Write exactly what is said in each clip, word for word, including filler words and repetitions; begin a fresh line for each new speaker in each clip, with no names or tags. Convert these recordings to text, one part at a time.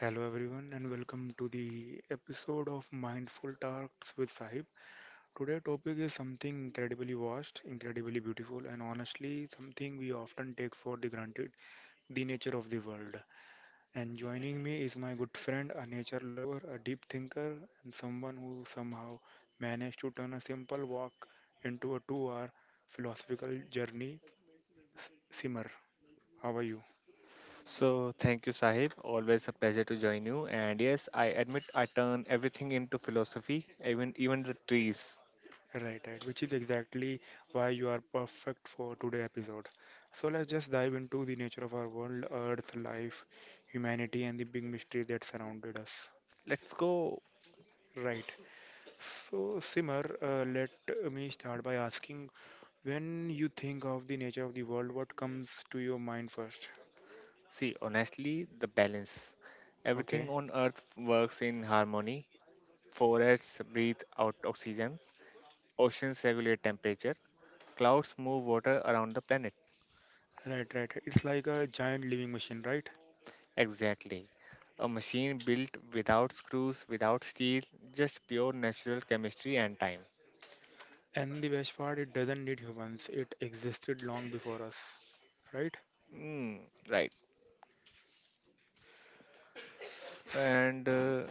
Hello everyone and welcome to the episode of Mindful Talks with Sahib. Today topic is something incredibly vast, incredibly beautiful and honestly something we often take for the granted, the nature of the world. And joining me is my good friend, a nature lover, a deep thinker and someone who somehow managed to turn a simple walk into a two-hour philosophical journey, S- Simar. How are you?
So thank you, Sahib. Always a pleasure to join you. And yes, I admit I turn everything into philosophy, even even the trees.
Right, right, which is exactly why you are perfect for today episode. So let's just dive into the nature of our world, Earth, life, humanity, and the big mysteries that surrounded us.
Let's go.
Right. So Simar, uh, let me start by asking, when you think of the nature of the world, what comes to your mind first?
See, honestly, the balance. Everything
Okay.
on earth works in harmony. Forests breathe out oxygen. Oceans regulate temperature. Clouds move water around the planet.
Right, right. It's like a giant living machine, right?
Exactly. A machine built without screws, without steel, just pure natural chemistry and time.
And the best part, it doesn't need humans. It existed long before us, right?
Mm, right. and uh,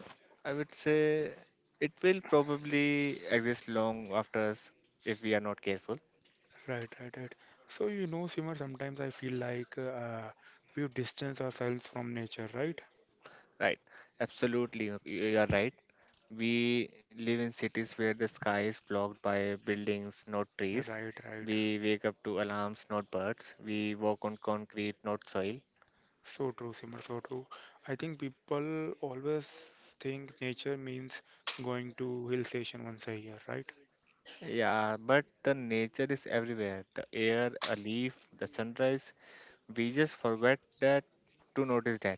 I would say it will probably exist long after us if we are not careful.
Right, right, right. So, you know, Simar, sometimes I feel like uh, we've distanced ourselves from nature, right?
Right? Absolutely, you you are right. We live in cities where the sky is blocked by buildings, not
Yeah,
trees.
right, right.
We wake up to alarms, not birds. We walk on concrete, not soil.
So true, Simar, so true. I think people always think nature means going to hill station once a year, right?
Yeah, but the nature is everywhere. The air, a leaf, the sunrise. We just forget that to notice that.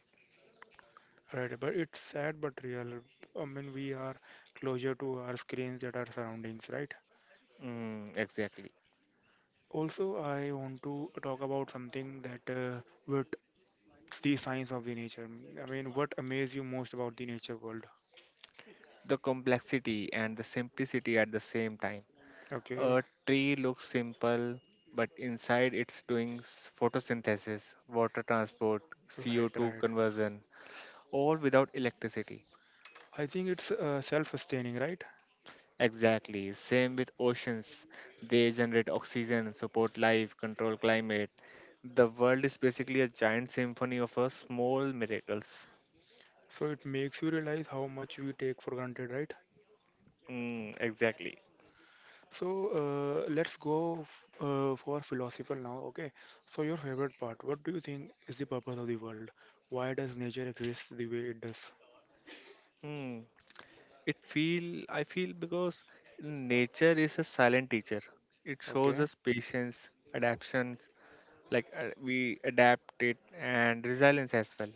Right, but it's sad but real. I mean, we are closer to our screens that our surroundings, right?
Mm, exactly.
Also, I want to talk about something that uh, with the science of the nature. I mean, what amaze you most about the nature world?
The complexity and the simplicity at the same time.
Okay.
A tree looks simple, but inside it's doing s- photosynthesis, water transport,
Right,
C O two
right.
conversion, all without electricity.
I think it's uh, self-sustaining, right?
Exactly. Same with oceans. They generate oxygen, support life, control climate. The world is basically a giant symphony of uh, small miracles.
So it makes you realize how much we take for granted, right?
Mm, exactly.
So uh, let's go f uh, for philosophical now, okay? So your favorite part, what do you think is the purpose of the world? Why does nature exist the way it does?
Hmm. it feel I feel because nature is a silent teacher. It shows
Okay,
us patience, adaptation, like uh, we adapt it, and resilience as well.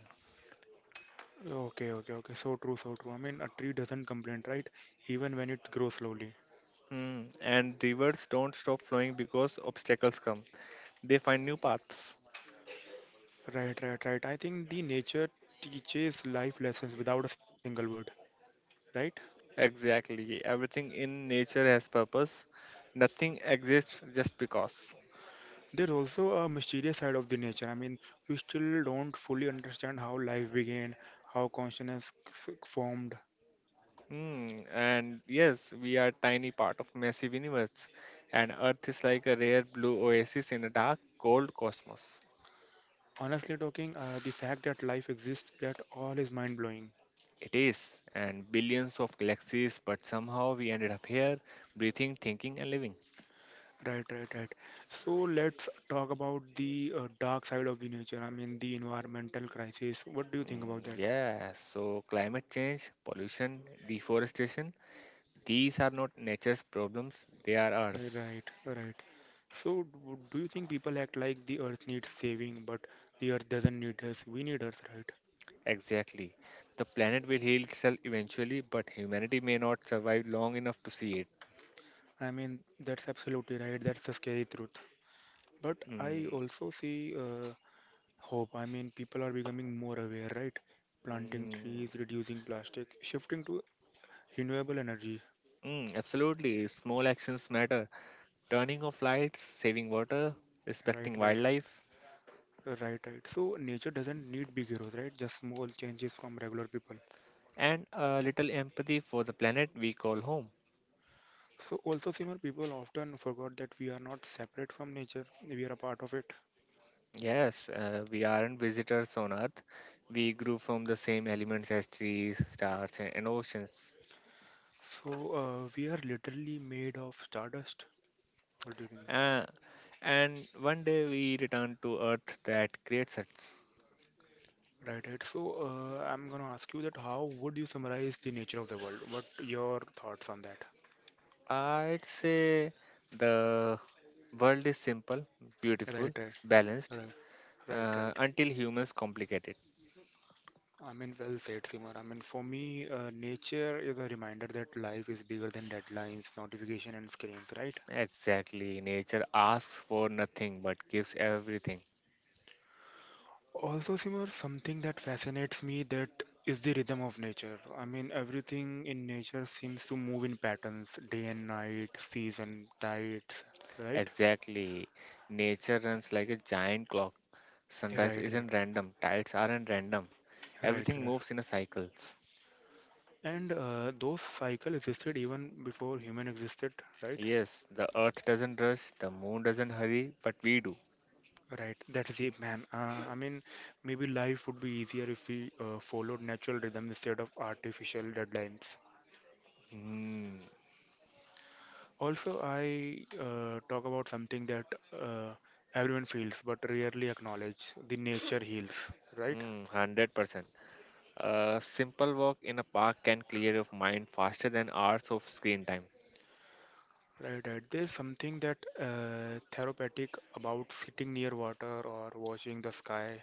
okay, okay, okay. So true, so true. I mean, a tree doesn't complain, right? Even when it grows slowly.
Hmm. And rivers don't stop flowing because obstacles come. They find new paths.
Right, right, right. I think the nature teaches life lessons without a single word, right?
Exactly, everything in nature has purpose. Nothing exists just because.
There's also a mysterious side of the nature. I mean, we still don't fully understand how life began, how consciousness f- formed.
Hmm. And yes, we are tiny part of massive universe, and earth is like a rare blue oasis in a dark cold cosmos.
Honestly talking, uh, the fact that life exists at all is mind blowing.
It is, and billions of galaxies, but somehow we ended up here, breathing, thinking, and living.
Right, right, right. So let's talk about the uh, dark side of the nature. I mean, the environmental crisis. What do you think about
Mm,
that?
yeah, so climate change, pollution, deforestation, these are not nature's problems, they are ours.
Right, right. So, do do you think people act like the earth needs saving, but the earth doesn't need us? We need earth, right?
Exactly. The planet will heal itself eventually, but humanity may not survive long enough to see it.
I mean, that's absolutely right. That's the scary truth. But I
Mm,
also see uh, hope. I mean, people are becoming more aware, right? Planting trees,
mm,
reducing plastic, shifting to renewable energy.
mm, absolutely, small actions matter. Turning off lights, saving water,
Right,
respecting
right,
wildlife,
right, right. So nature doesn't need big heroes, right? Just small changes from regular people.
and a little empathy for the planet we call home.
So also, Simon, people often forgot that we are not separate from nature. We are a part of it.
Yes, uh, we aren't visitors on Earth. We grew from the same elements as trees, stars, and and oceans.
So uh, we are literally made of stardust. What do you think?
Uh, and one day we return to Earth that creates us.
Right, right. So uh, I'm gonna ask you that how would you summarize the nature of the world? What your thoughts on that?
Uh, I'd say the world is simple,
Right,
beautiful,
right,
balanced,
right, right,
uh,
right.
until humans complicate it.
I mean, well said, Simar. I mean, for me, uh, nature is a reminder that life is bigger than deadlines, notification, and screens, right?
Exactly. Nature asks for nothing but gives everything.
Also, Simar, something that fascinates me that is the rhythm of nature. I mean, everything in nature seems to move in patterns, day and night, season, tides, right?
Exactly. Nature runs like a giant clock.
Right,
Sunrise
right,
isn't random, tides aren't random.
right,
Everything
right.
moves in a cycles.
And uh, those cycle existed even before human existed, right?
Yes, the earth doesn't rush, the moon doesn't hurry, but we do.
Right, that's it, man. Uh, I mean, maybe life would be easier if we uh, followed natural rhythm instead of artificial deadlines.
Hmm,
Also, I uh, talk about something that uh, everyone feels but rarely acknowledge, the nature heals, right?
hmm, one hundred percent. A simple walk in a park can clear your mind faster than hours of screen time.
Right, right. There's something that uh, therapeutic about sitting near water or watching the sky.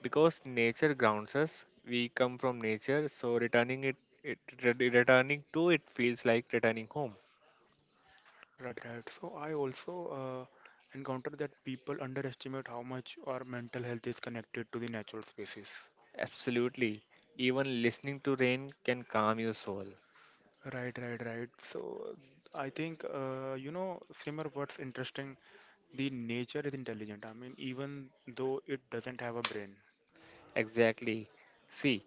Because nature grounds us, we come from nature, so returning it, it re- returning to it feels like returning home.
Right, right. So I also uh, encounter that people underestimate how much our mental health is connected to the natural spaces.
Absolutely. Even listening to rain can calm your soul.
Right, right, right. So I think uh, you know, Simmer, what's interesting, the nature is intelligent. I mean, even though it doesn't have a brain.
Exactly. See,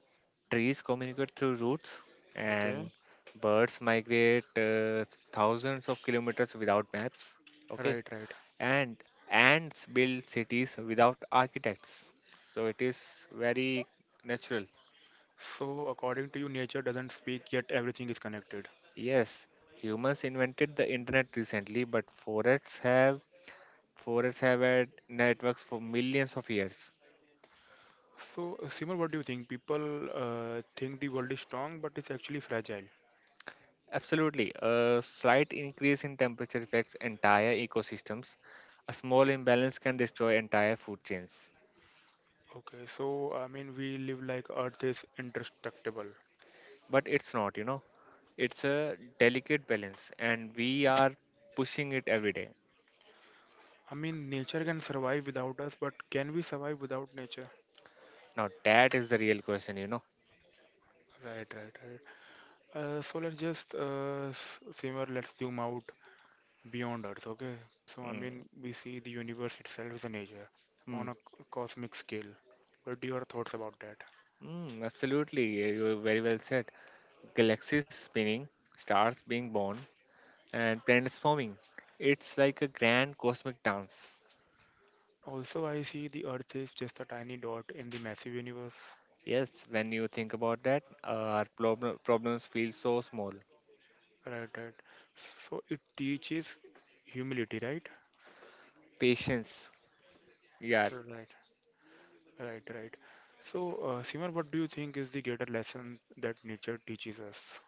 trees communicate through roots, and
Okay.
birds migrate uh, thousands of kilometers without maps. Okay.
Right, right.
And ants build cities without architects. So it is very natural.
So according to you, nature doesn't speak, yet everything is connected.
Yes, humans invented the internet recently, but forests have forests have had networks for millions of years.
So uh, Simmer, what do you think? People uh, think the world is strong, but it's actually fragile.
Absolutely. A slight increase in temperature affects entire ecosystems. A small imbalance can destroy entire food chains.
Okay. So I mean, we live like Earth is indestructible.
But it's not, you know. It's a delicate balance, and we are pushing it every day.
I mean, nature can survive without us, but can we survive without nature?
Now, that is the real question, you know.
Right, right, right. Uh, so let's just uh, s- Simar, let's zoom out beyond Earth, okay? So I
Mm,
mean, we see the universe itself, the nature,
mm,
on a c- cosmic scale. What are your thoughts about that?
mm, absolutely. Yeah, you very well said. Galaxies spinning, stars being born, and planets forming. It's like a grand cosmic dance.
Also, I see the Earth is just a tiny dot in the massive universe,
Yes, when you think about that, uh, our problem problems feel so small.
right? Right. So it teaches humility, right?
Patience, yeah,
Right. Right. Right. So, uh, Simar, what do you think is the greater lesson that nature teaches us?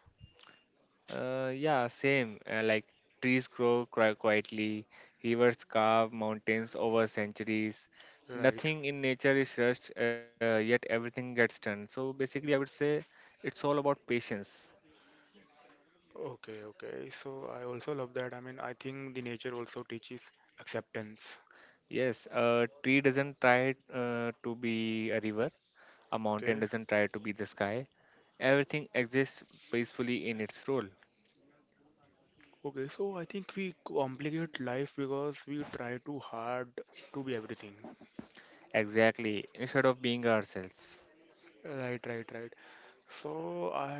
uh, yeah, same. Uh, like trees grow qui- quietly, rivers carve mountains over centuries.
Right.
Nothing in nature is rushed, uh, yet everything gets done. So basically, I would say it's all about patience.
Okay, okay. So I also love that. I mean, I think the nature also teaches acceptance.
Yes, a tree doesn't try uh, to be a river. A mountain
Okay.
doesn't try to be the sky. Everything exists peacefully in its role.
Okay, so I think we complicate life because we try too hard to be everything.
Exactly, instead of being ourselves.
Right, right, right. So I,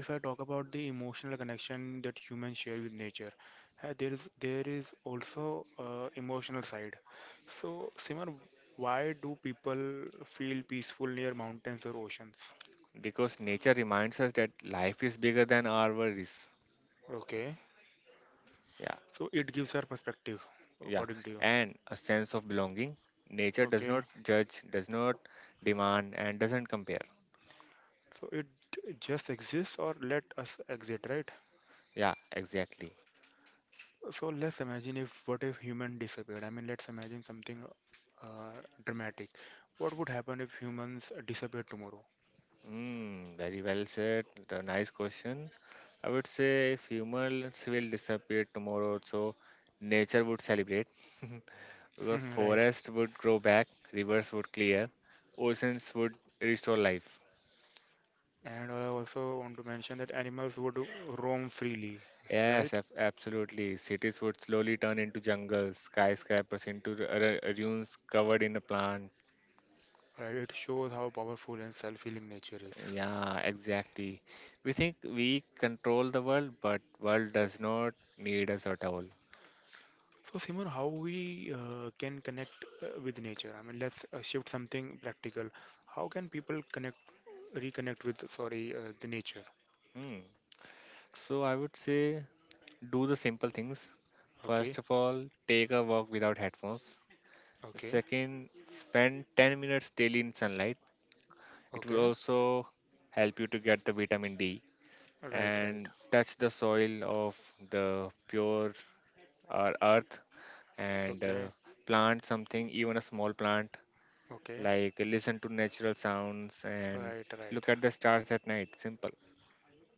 if I talk about the emotional connection that humans share with nature, uh, there is there is also uh, emotional side. So Simar, why do people feel peaceful near mountains or oceans?
Because nature reminds us that life is bigger than our worries.
Okay.
Yeah,
So it gives our perspective,
yeah.
according to you.
And a sense of belonging. Nature does
Okay.
not judge, does not demand, and doesn't compare.
So it just exists or let us exit, right?
Yeah, exactly.
So let's imagine if what if human disappeared? I mean, let's imagine something uh, dramatic. What would happen if humans disappeared tomorrow?
Mm, very well said. The nice question. I would say if humans will disappear tomorrow, so nature would celebrate. The
Right.
forest would grow back, rivers would clear, oceans would restore life.
And I also want to mention that animals would roam freely,
Yes,
right?
ab- absolutely. Cities would slowly turn into jungles, skyscrapers into r- r- ruins covered in a plant.
Right. It shows how powerful and self-healing nature is.
Yeah, exactly. We think we control the world, but world does not need us at all.
So, Simon, how we uh, can connect uh, with nature? I mean, let's uh, shift something practical. How can people connect, reconnect with, sorry, uh, the nature?
Hmm. So I would say do the simple things.
Okay,
First of all, take a walk without headphones.
okay,
Second, spend ten minutes daily in sunlight. It will
okay,
also help you to get the vitamin D,
right, right,
and touch the soil of the pure uh, earth, and uh,
okay,
plant something, even a small plant,
okay,
like listen to natural sounds and
right, right.
look at the stars at night. Simple.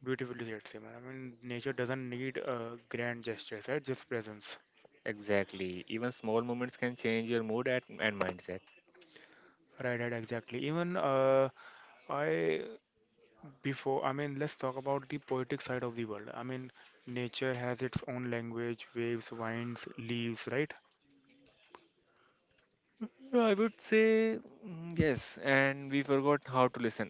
Beautifully said, Simon. I mean, nature doesn't need uh, grand gestures, right? Just presence.
Exactly. Even small moments can change your mood at, and mindset.
Right, right, exactly. Even uh, I before, I mean, let's talk about the poetic side of the world. I mean, nature has its own language, waves, winds, leaves, right?
Well, I would say mm, yes, and we forgot how to listen,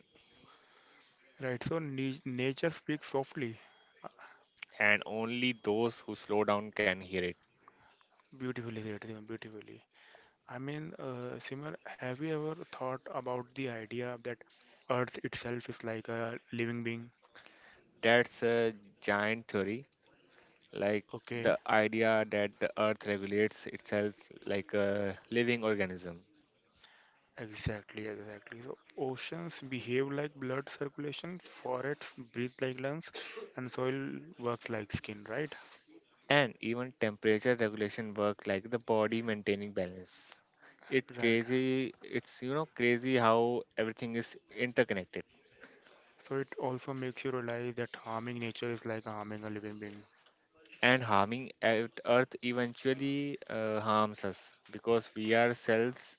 Right, so ni- nature speaks softly. Uh,
and only those who slow down can hear it.
Beautifully said, Simran, beautifully. I mean, uh, Simran, have you ever thought about the idea that Earth itself is like a living being?
That's a giant theory, like
Okay,
the idea that the earth regulates itself like a living organism,
exactly, exactly. So oceans behave like blood circulation, forests breathe like lungs, and soil works like skin, right?
and even temperature regulation work like the body maintaining balance. It
Right.
crazy, it's you know crazy how everything is interconnected,
So it also makes you realize that harming nature is like harming a living being.
and harming earth Earth eventually uh, harms us because we are cells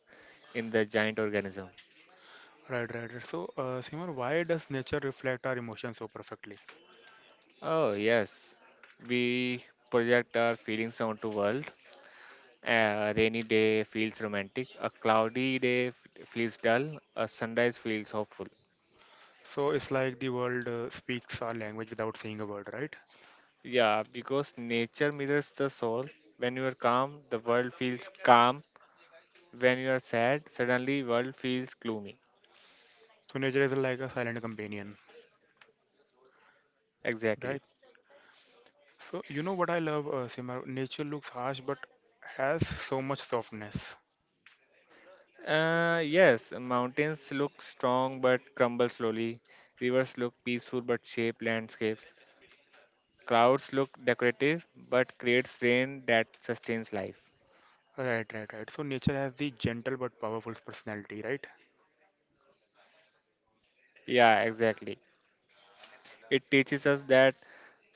in the giant organism.
Right, right, right. So, uh, Simran, why does nature reflect our emotions so perfectly?
Oh yes, we project our feelings onto world. A rainy day feels romantic. A cloudy day f- feels dull. A sunrise feels hopeful.
So it's like the world uh, speaks our language without saying a word, right?
Yeah, because nature mirrors the soul. When you are calm, the world feels calm. When you are sad, suddenly world feels gloomy.
So nature is like a silent companion,
Exactly.
right? So you know what I love, uh, Simar? Nature looks harsh but has so much softness.
Uh, yes, mountains look strong but crumble slowly. Rivers look peaceful but shape landscapes. Clouds look decorative but creates rain that sustains life.
Right, right, right. So nature has the gentle but powerful personality, right?
Yeah, exactly. It teaches us that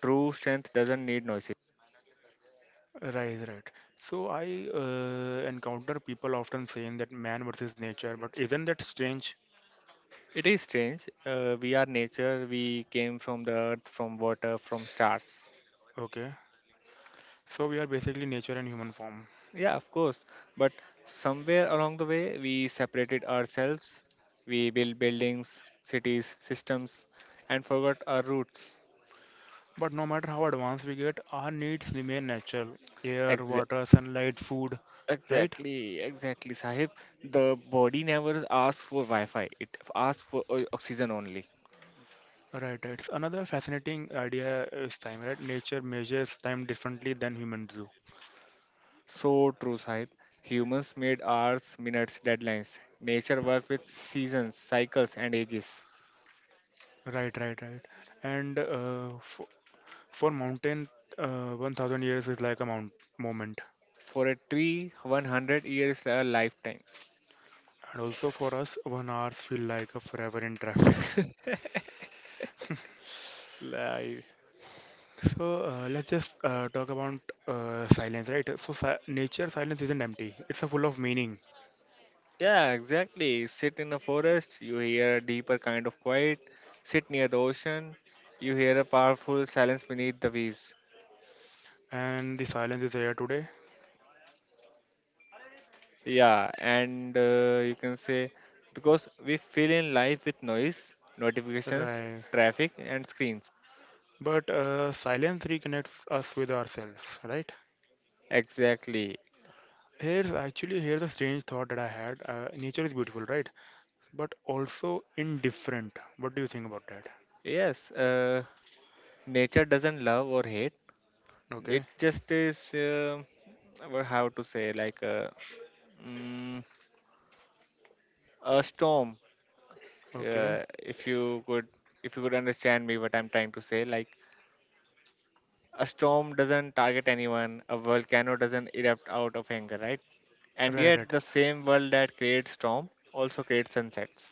true strength doesn't need noises.
Right, right. So I uh, encounter people often saying that man versus nature, but isn't that strange?
It is strange. Uh, we are nature. We came from the earth, from water, from stars.
Okay. So we are basically nature in human form.
Yeah, of course. But somewhere along the way, we separated ourselves. We built buildings, cities, systems, and forgot our roots.
But no matter how advanced we get, our needs remain natural air,
Exa-
water, sunlight, food, right?
exactly, exactly, Sahib. The body never asks for Wi Fi, it asks for o- oxygen only.
Right, right. It's another fascinating idea is time, right? Nature measures time differently than humans do.
So true, Sahib. Humans made hours, minutes, deadlines. Nature worked with seasons, cycles, and ages.
Right, right, right. And uh, for, for mountain, uh, one thousand years is like a mount moment.
For a tree, one hundred years is a lifetime.
And also for us, one hour feel like a forever in traffic.
Life.
So uh, let's just uh, talk about uh, silence, right? So si nature silence isn't empty. It's a full of meaning.
Yeah, exactly. Sit in a forest, you hear a deeper kind of quiet. Sit near the ocean, you hear a powerful silence beneath the waves.
And the silence is here today.
Yeah, and uh, you can say because we fill in life with noise, notifications,
Right.
traffic, and screens.
But uh, silence reconnects us with ourselves, right?
Exactly.
Here's actually here's a strange thought that I had. Uh, nature is beautiful, right? But also indifferent. What do you think about that?
Yes, uh, nature doesn't love or hate.
Okay,
It just is, uh, well, how to say, like uh, mm, a storm.
okay.
Uh, if you could, if you could understand me, what I'm trying to say, like a storm doesn't target anyone. A volcano doesn't erupt out of anger, right? And
Right,
yet,
right,
the same world that creates storm also creates sunsets.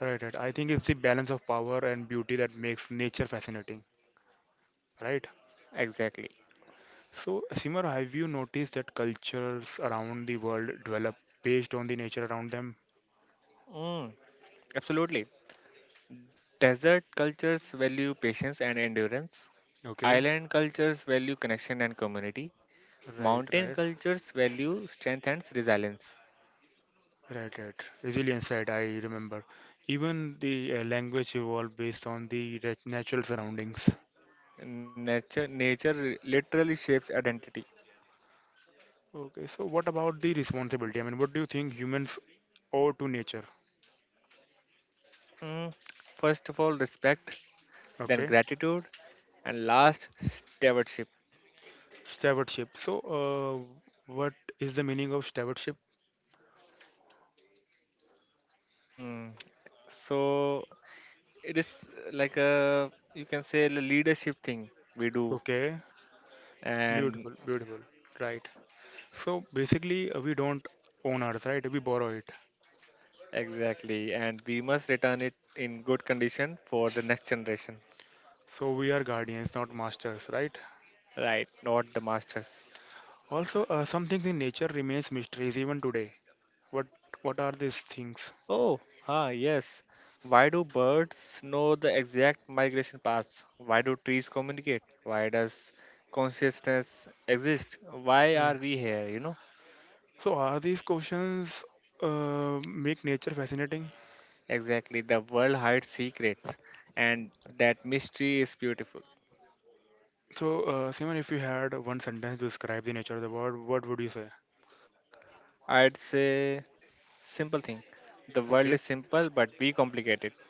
right, right. I think it's the balance of power and beauty that makes nature fascinating, right?
Exactly.
So, Simar, have you noticed that cultures around the world develop based on the nature around them?
Mm, absolutely. Desert cultures value patience and endurance.
Okay,
Island cultures value connection and community.
right,
Mountain
right.
cultures value strength and resilience.
Right, right. Resilience, right, I remember. Even the uh, language evolved based on the re- natural surroundings.
Nature, nature re- literally shapes identity.
Okay, so what about the responsibility? I mean, what do you think humans owe to nature?
Mm, first of all, respect, then
Okay,
gratitude, and last, stewardship.
stewardship. So, uh, what is the meaning of stewardship?
Mm, so it is like a you can say a leadership thing we do,
Okay,
and
beautiful, beautiful. Right. So basically, uh, we don't own Earth, right? We borrow it.
exactly, and we must return it in good condition for the next generation,
So we are guardians, not masters, right?
right? Not the masters.
Also, uh, some things in nature remains mysteries even today. What what are these things?
Oh, ah, yes. Why do birds know the exact migration paths? Why do trees communicate? Why does consciousness exist? Why are we here? You know,
So are these questions uh, make nature fascinating?
exactly. The world hides secrets, and that mystery is beautiful.
So uh, Simon, if you had one sentence to describe the nature of the world, what would you say?
I'd say simple thing. The world
Okay,
is simple, but we complicate it.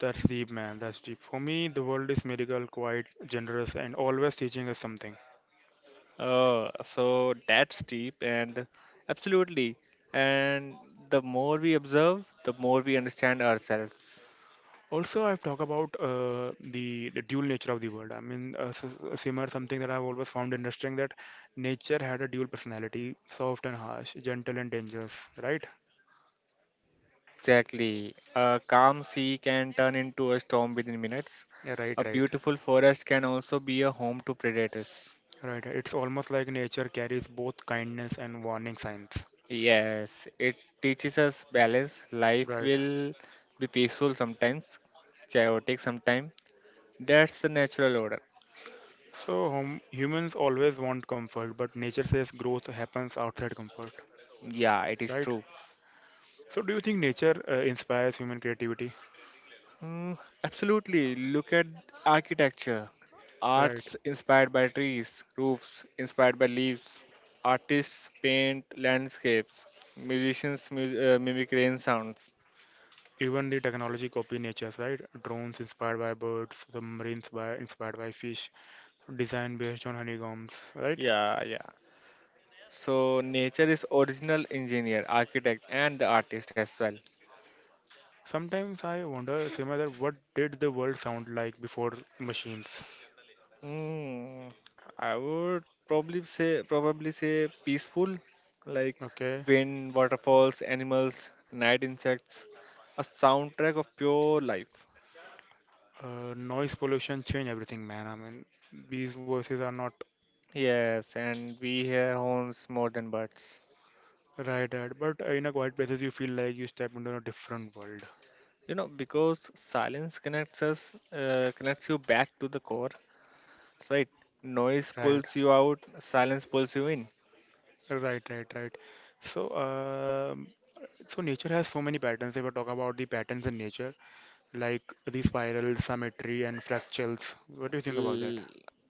that's deep, man. That's deep. For me, the world is medical, quite generous, and always teaching us something.
Oh, so that's deep and absolutely. And the more we observe, the more we understand ourselves.
Also, I've talked about uh, the, the dual nature of the world. I mean, uh, s- s- similar something that I've always found interesting that nature had a dual personality, soft and harsh, gentle and dangerous. Right?
Exactly. A calm sea can turn into a storm within minutes.
Yeah, right,
A
right.
beautiful forest can also be a home to predators.
Right, it's almost like nature carries both kindness and warning signs.
Yes, it teaches us balance. Life
Right.
will be peaceful sometimes, chaotic sometimes. That's the natural order.
So hum humans always want comfort, but nature says growth happens outside comfort.
Yeah, it is
Right.
true.
So do you think nature uh, inspires human creativity?
Mm, absolutely. Look at architecture.
Right.
Arts inspired by trees, roofs inspired by leaves, artists paint landscapes, musicians mu- uh, mimic rain sounds.
Even the technology copy nature's, right? Drones inspired by birds, submarines by inspired by fish, design based on honeycombs, right?
Yeah, yeah. So, nature is original engineer, architect, and the artist as well.
Sometimes I wonder, Sima, that what did the world sound like before machines?
Hmm. I would probably say probably say peaceful, like
Okay.
wind, waterfalls, animals, night insects, a soundtrack of pure life.
Uh, noise pollution change everything, man. I mean, these voices are not
Yes, and we hear horns more than birds.
right, right. But uh, in a quiet places, you feel like you step into a different world,
You know, because silence connects us, uh, connects you back to the core, right? Noise
right?
pulls you out, silence pulls you in.
Right, right, right. So, um so nature has so many patterns. If we talk about the patterns in nature, like the spiral, symmetry, and fractals. What do you think about that?
L-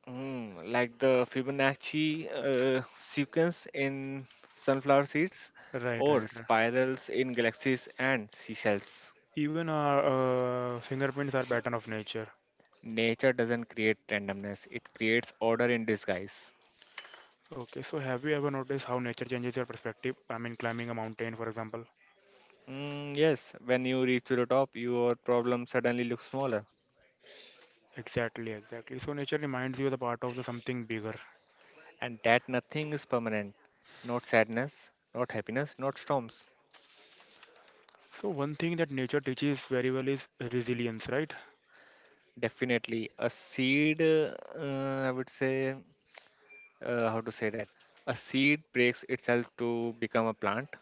mm, like the Fibonacci uh, sequence in sunflower seeds,
Right, right,
or
right.
spirals in galaxies and seashells.
Even our uh, fingerprints are pattern of nature.
Nature doesn't create randomness, it creates order in disguise.
Okay, so have you ever noticed how nature changes your perspective? I mean, climbing a mountain, for example.
Mm, yes, when you reach to the top, your problem suddenly looks smaller.
Exactly, exactly. So nature reminds you the part of the something bigger.
And that nothing is permanent. Not sadness, not happiness, not storms.
So one thing that nature teaches very well is resilience, right?
Definitely a seed, uh, uh, I would say, uh, how to say that? A seed breaks itself to become a plant.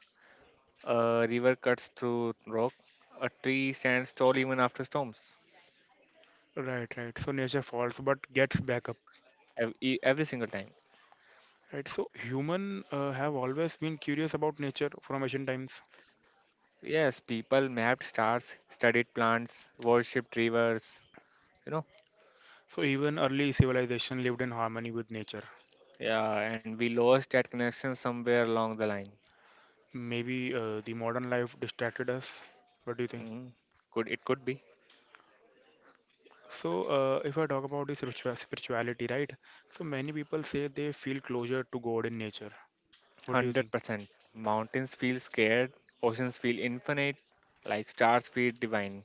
A river cuts through rock. A tree stands tall even after storms.
Right, right. So nature falls but gets back up.
Ev- e- Every single time.
Right. So human uh, have always been curious about nature from ancient times.
Yes, people mapped stars, studied plants, worshipped rivers, you know.
So even early civilization lived in harmony with nature.
Yeah, and we lost that connection somewhere along the line.
Maybe uh, the modern life distracted us. What do you think?
Mm. Could it could be?
So uh, if I talk about this spiritua- spirituality, right? So many people say they feel closer to God in nature. What do you think?
one hundred percent. Mountains feel scared, oceans feel infinite, like stars feel divine.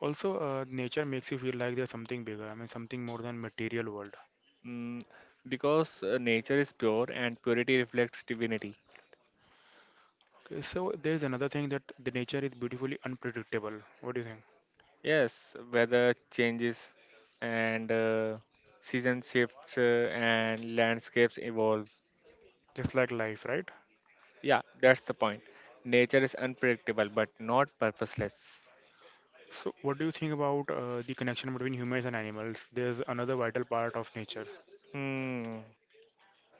Also, uh, nature makes you feel like there's something bigger. I mean, something more than material world.
Mm, because uh, nature is pure and purity reflects divinity.
Okay, so there's another thing that the nature is beautifully unpredictable. What do you think?
Yes, weather changes and uh, season shifts uh, and landscapes evolve.
Just like life, right?
Yeah, that's the point. Nature is unpredictable but not purposeless.
So, what do you think about uh, the connection between humans and animals? There's another vital part of nature.
Hmm.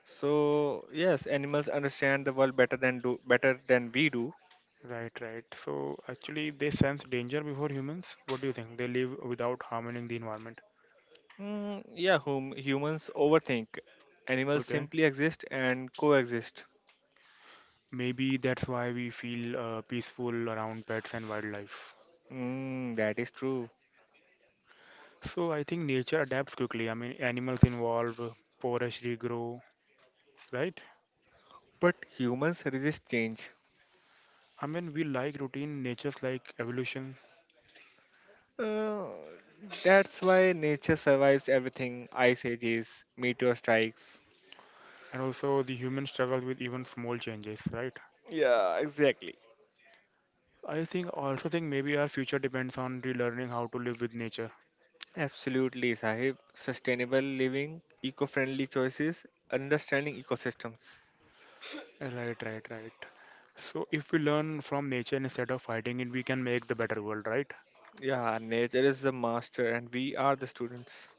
So yes, animals understand the world better than do better than we do.
Right, right. So, actually, they sense danger before humans. What do you think? They live without harming the environment.
Mm, yeah, whom humans overthink. Animals
Okay.
simply exist and coexist.
Maybe that's why we feel uh, peaceful around pets and wildlife.
Mm, that is true.
So I think nature adapts quickly. I mean, animals evolve, forests regrow, right?
But humans resist change.
I mean, we like routine, nature's like evolution,
Uh, that's why nature survives everything, ice ages, meteor strikes.
and also the human struggle with even small changes, right?
Yeah, exactly.
I think also think maybe our future depends on relearning how to live with nature.
Absolutely, Sahib. Sustainable living, eco friendly choices, understanding ecosystems.
Right, right, right. So if we learn from nature instead of fighting it, we can make the better world, right?
Yeah, nature is the master and we are the students.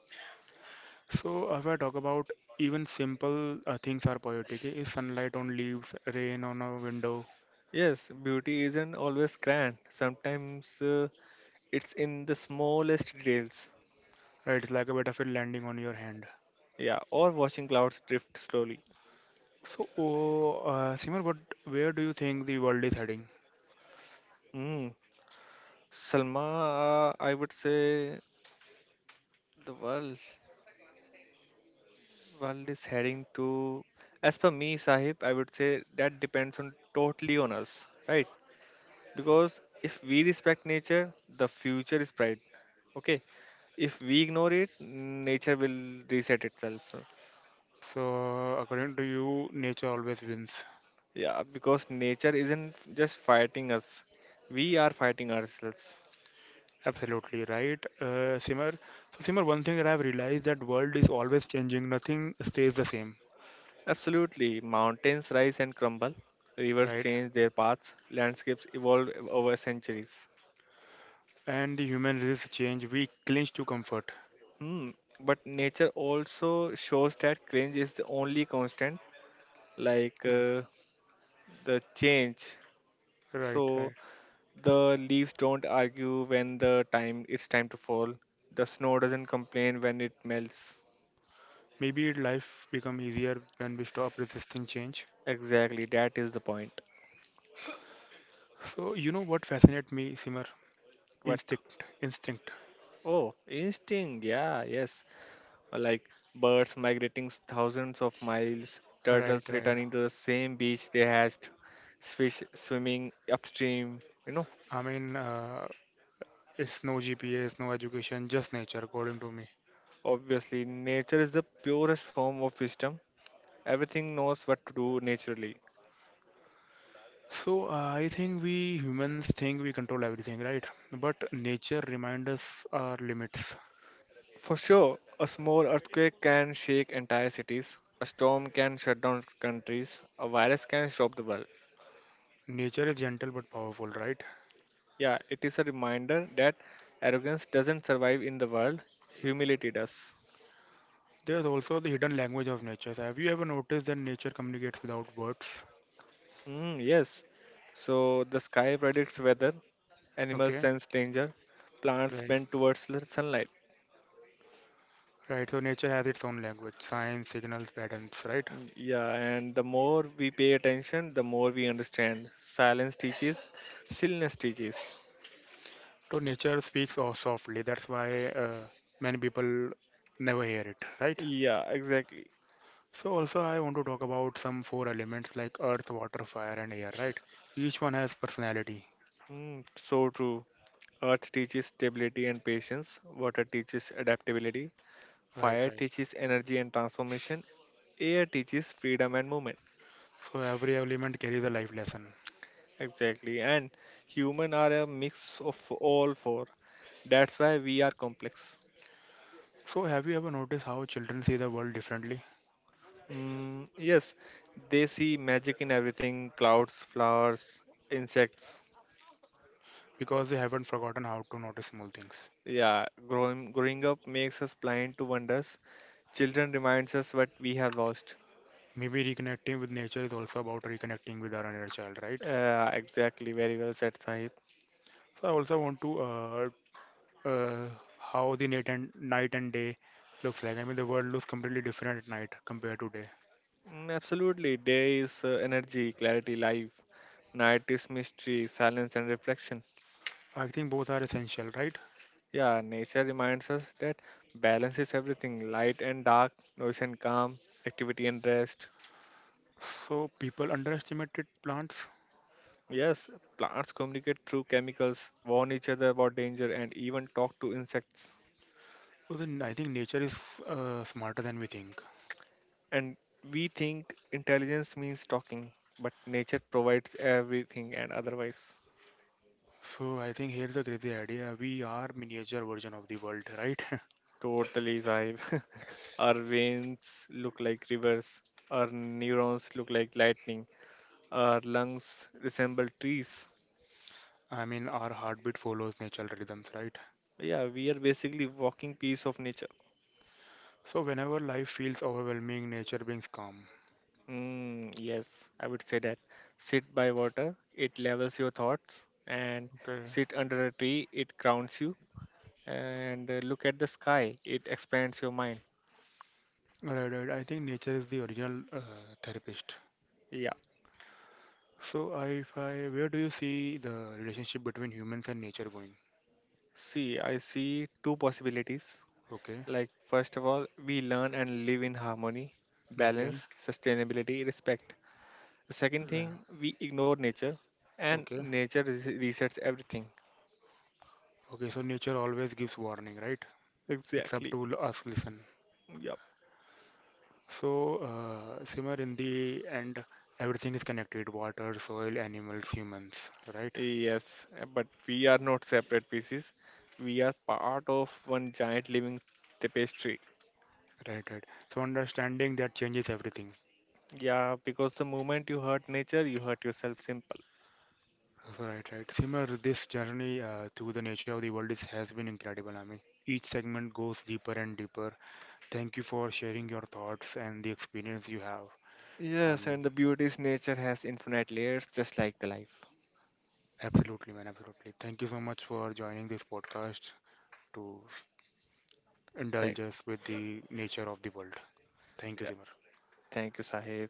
So if I talk about even simple uh, things are poetic. eh, Is sunlight on leaves, rain on a window,
Yes, beauty isn't always grand. Sometimes. Uh, It's in the smallest details.
right? It's like a bit of it landing on your hand.
Yeah, or watching clouds drift slowly.
So, oh, uh, Simar, what, where do you think the world is heading?
Hmm. Salma, uh, I would say the world world is heading to. As per me, Sahib, I would say that depends on totally on us, right? Because if we respect nature, the future is bright. Okay, if we ignore it, nature will reset itself.
So, according to you, nature always wins.
Yeah, because nature isn't just fighting us; we are fighting ourselves.
Absolutely right, uh, Simar. So, Simar, one thing that I've realized that world is always changing. Nothing stays the same,
Absolutely. Mountains rise and crumble, rivers
right?
change their paths, landscapes evolve over centuries.
And the human race change. We clinch to comfort.
Hmm. But nature also shows that change is the only constant, like
Right,
uh, the change.
right. Right.
So the leaves don't argue when the time it's time to fall. The snow doesn't complain when it melts.
Maybe life become easier when we stop resisting change.
Exactly, that is the point.
So, you know what fascinates me, Simar?
But
Instinct, instinct.
oh, instinct, yeah, yes. Like birds migrating thousands of miles,
Right,
turtles
right.
returning to the same beach they hatched, fish swimming upstream. You know,
I mean, uh, It's no G P S, no education, just nature, according to me.
obviously, nature is the purest form of wisdom. Everything knows what to do naturally.
So uh, I think we humans think we control everything, right? But nature reminds us our limits.
For sure, a small earthquake can shake entire cities, a storm can shut down countries, a virus can stop the world.
Nature is gentle but powerful, right?
Yeah, it is a reminder that arrogance doesn't survive in the world, humility does.
There's also the hidden language of nature. So have you ever noticed that nature communicates without words?
Mm, yes. So the sky predicts weather, animals
Okay,
sense danger, plants
right.
bend towards l- sunlight.
Right, so nature has its own language, signs, signals, patterns, right?
Y- Yeah, and the more we pay attention, the more we understand. Silence teaches, stillness teaches.
So nature speaks all softly. That's why uh, many people never hear it, right?
Yeah, exactly.
So also I want to talk about some four elements like earth, water, fire and air, right? Each one has personality.
Mm, so true. Earth teaches stability and patience, water teaches adaptability,
Right,
fire
right.
teaches energy and transformation, air teaches freedom and movement.
So every element carries a life lesson.
Exactly. And human are a mix of all four. That's why we are complex.
So have you ever noticed how children see the world differently?
Mm, yes, they see magic in everything, clouds, flowers, insects.
Because they haven't forgotten how to notice small things.
Yeah, growing, growing up makes us blind to wonders. Children reminds us what we have lost.
Maybe reconnecting with nature is also about reconnecting with our inner child, right?
Uh, exactly, very well said, Sahib.
So I also want to uh, uh, how the night and night and day looks like. I mean the world looks completely different at night compared to day.
Mm, absolutely, day is uh, energy, clarity, life. Night is mystery, silence, and reflection.
I think both are essential, right?
Yeah, nature reminds us that balance is everything, light and dark, noise and calm, activity and rest.
So people underestimated plants.
Yes, plants communicate through chemicals, warn each other about danger, and even talk to insects.
So then I think nature is uh, smarter than we think.
And we think intelligence means talking, but nature provides everything and otherwise.
So I think here's a crazy idea. We are miniature version of the world, right?
Totally right. Our veins look like rivers, our neurons look like lightning, our lungs resemble trees.
I mean, our heartbeat follows natural rhythms, right?
Yeah, we are basically walking piece of nature.
So whenever life feels overwhelming, nature brings calm.
Mm, yes, I would say that. Sit by water, it levels your thoughts, and
Okay,
sit under a tree, it grounds you, and uh, look at the sky, it expands your mind.
right, right. I think nature is the original uh, therapist.
Yeah.
So I, if I, where do you see the relationship between humans and nature going?
See, I see two possibilities.
Okay,
Like, first of all, we learn and live in harmony,
okay,
balance, sustainability, respect. The second
yeah,
thing, we ignore nature, and
okay,
nature res- resets everything.
okay. So nature always gives warning, right? It's up
Exactly.
to l- us listen.
Yeah.
So, uh, Simar, in the end, everything is connected: water, soil, animals, humans. Right,
Yes, uh, but we are not separate pieces. We are part of one giant living tapestry.
right, right. So, understanding that changes everything.
Yeah, because the moment you hurt nature, you hurt yourself. Simple.
Right, right. Simar, this journey uh, through the nature of the world is, has been incredible. I mean, each segment goes deeper and deeper. Thank you for sharing your thoughts and the experience you have.
Yes,
Um,
and the beauty is nature has infinite layers, just like the life.
Absolutely, man, absolutely. Thank you so much for joining this podcast to indulge
Thank,
us with the nature of the world. Thank you,
yeah,
Simar.
thank you, Sahib.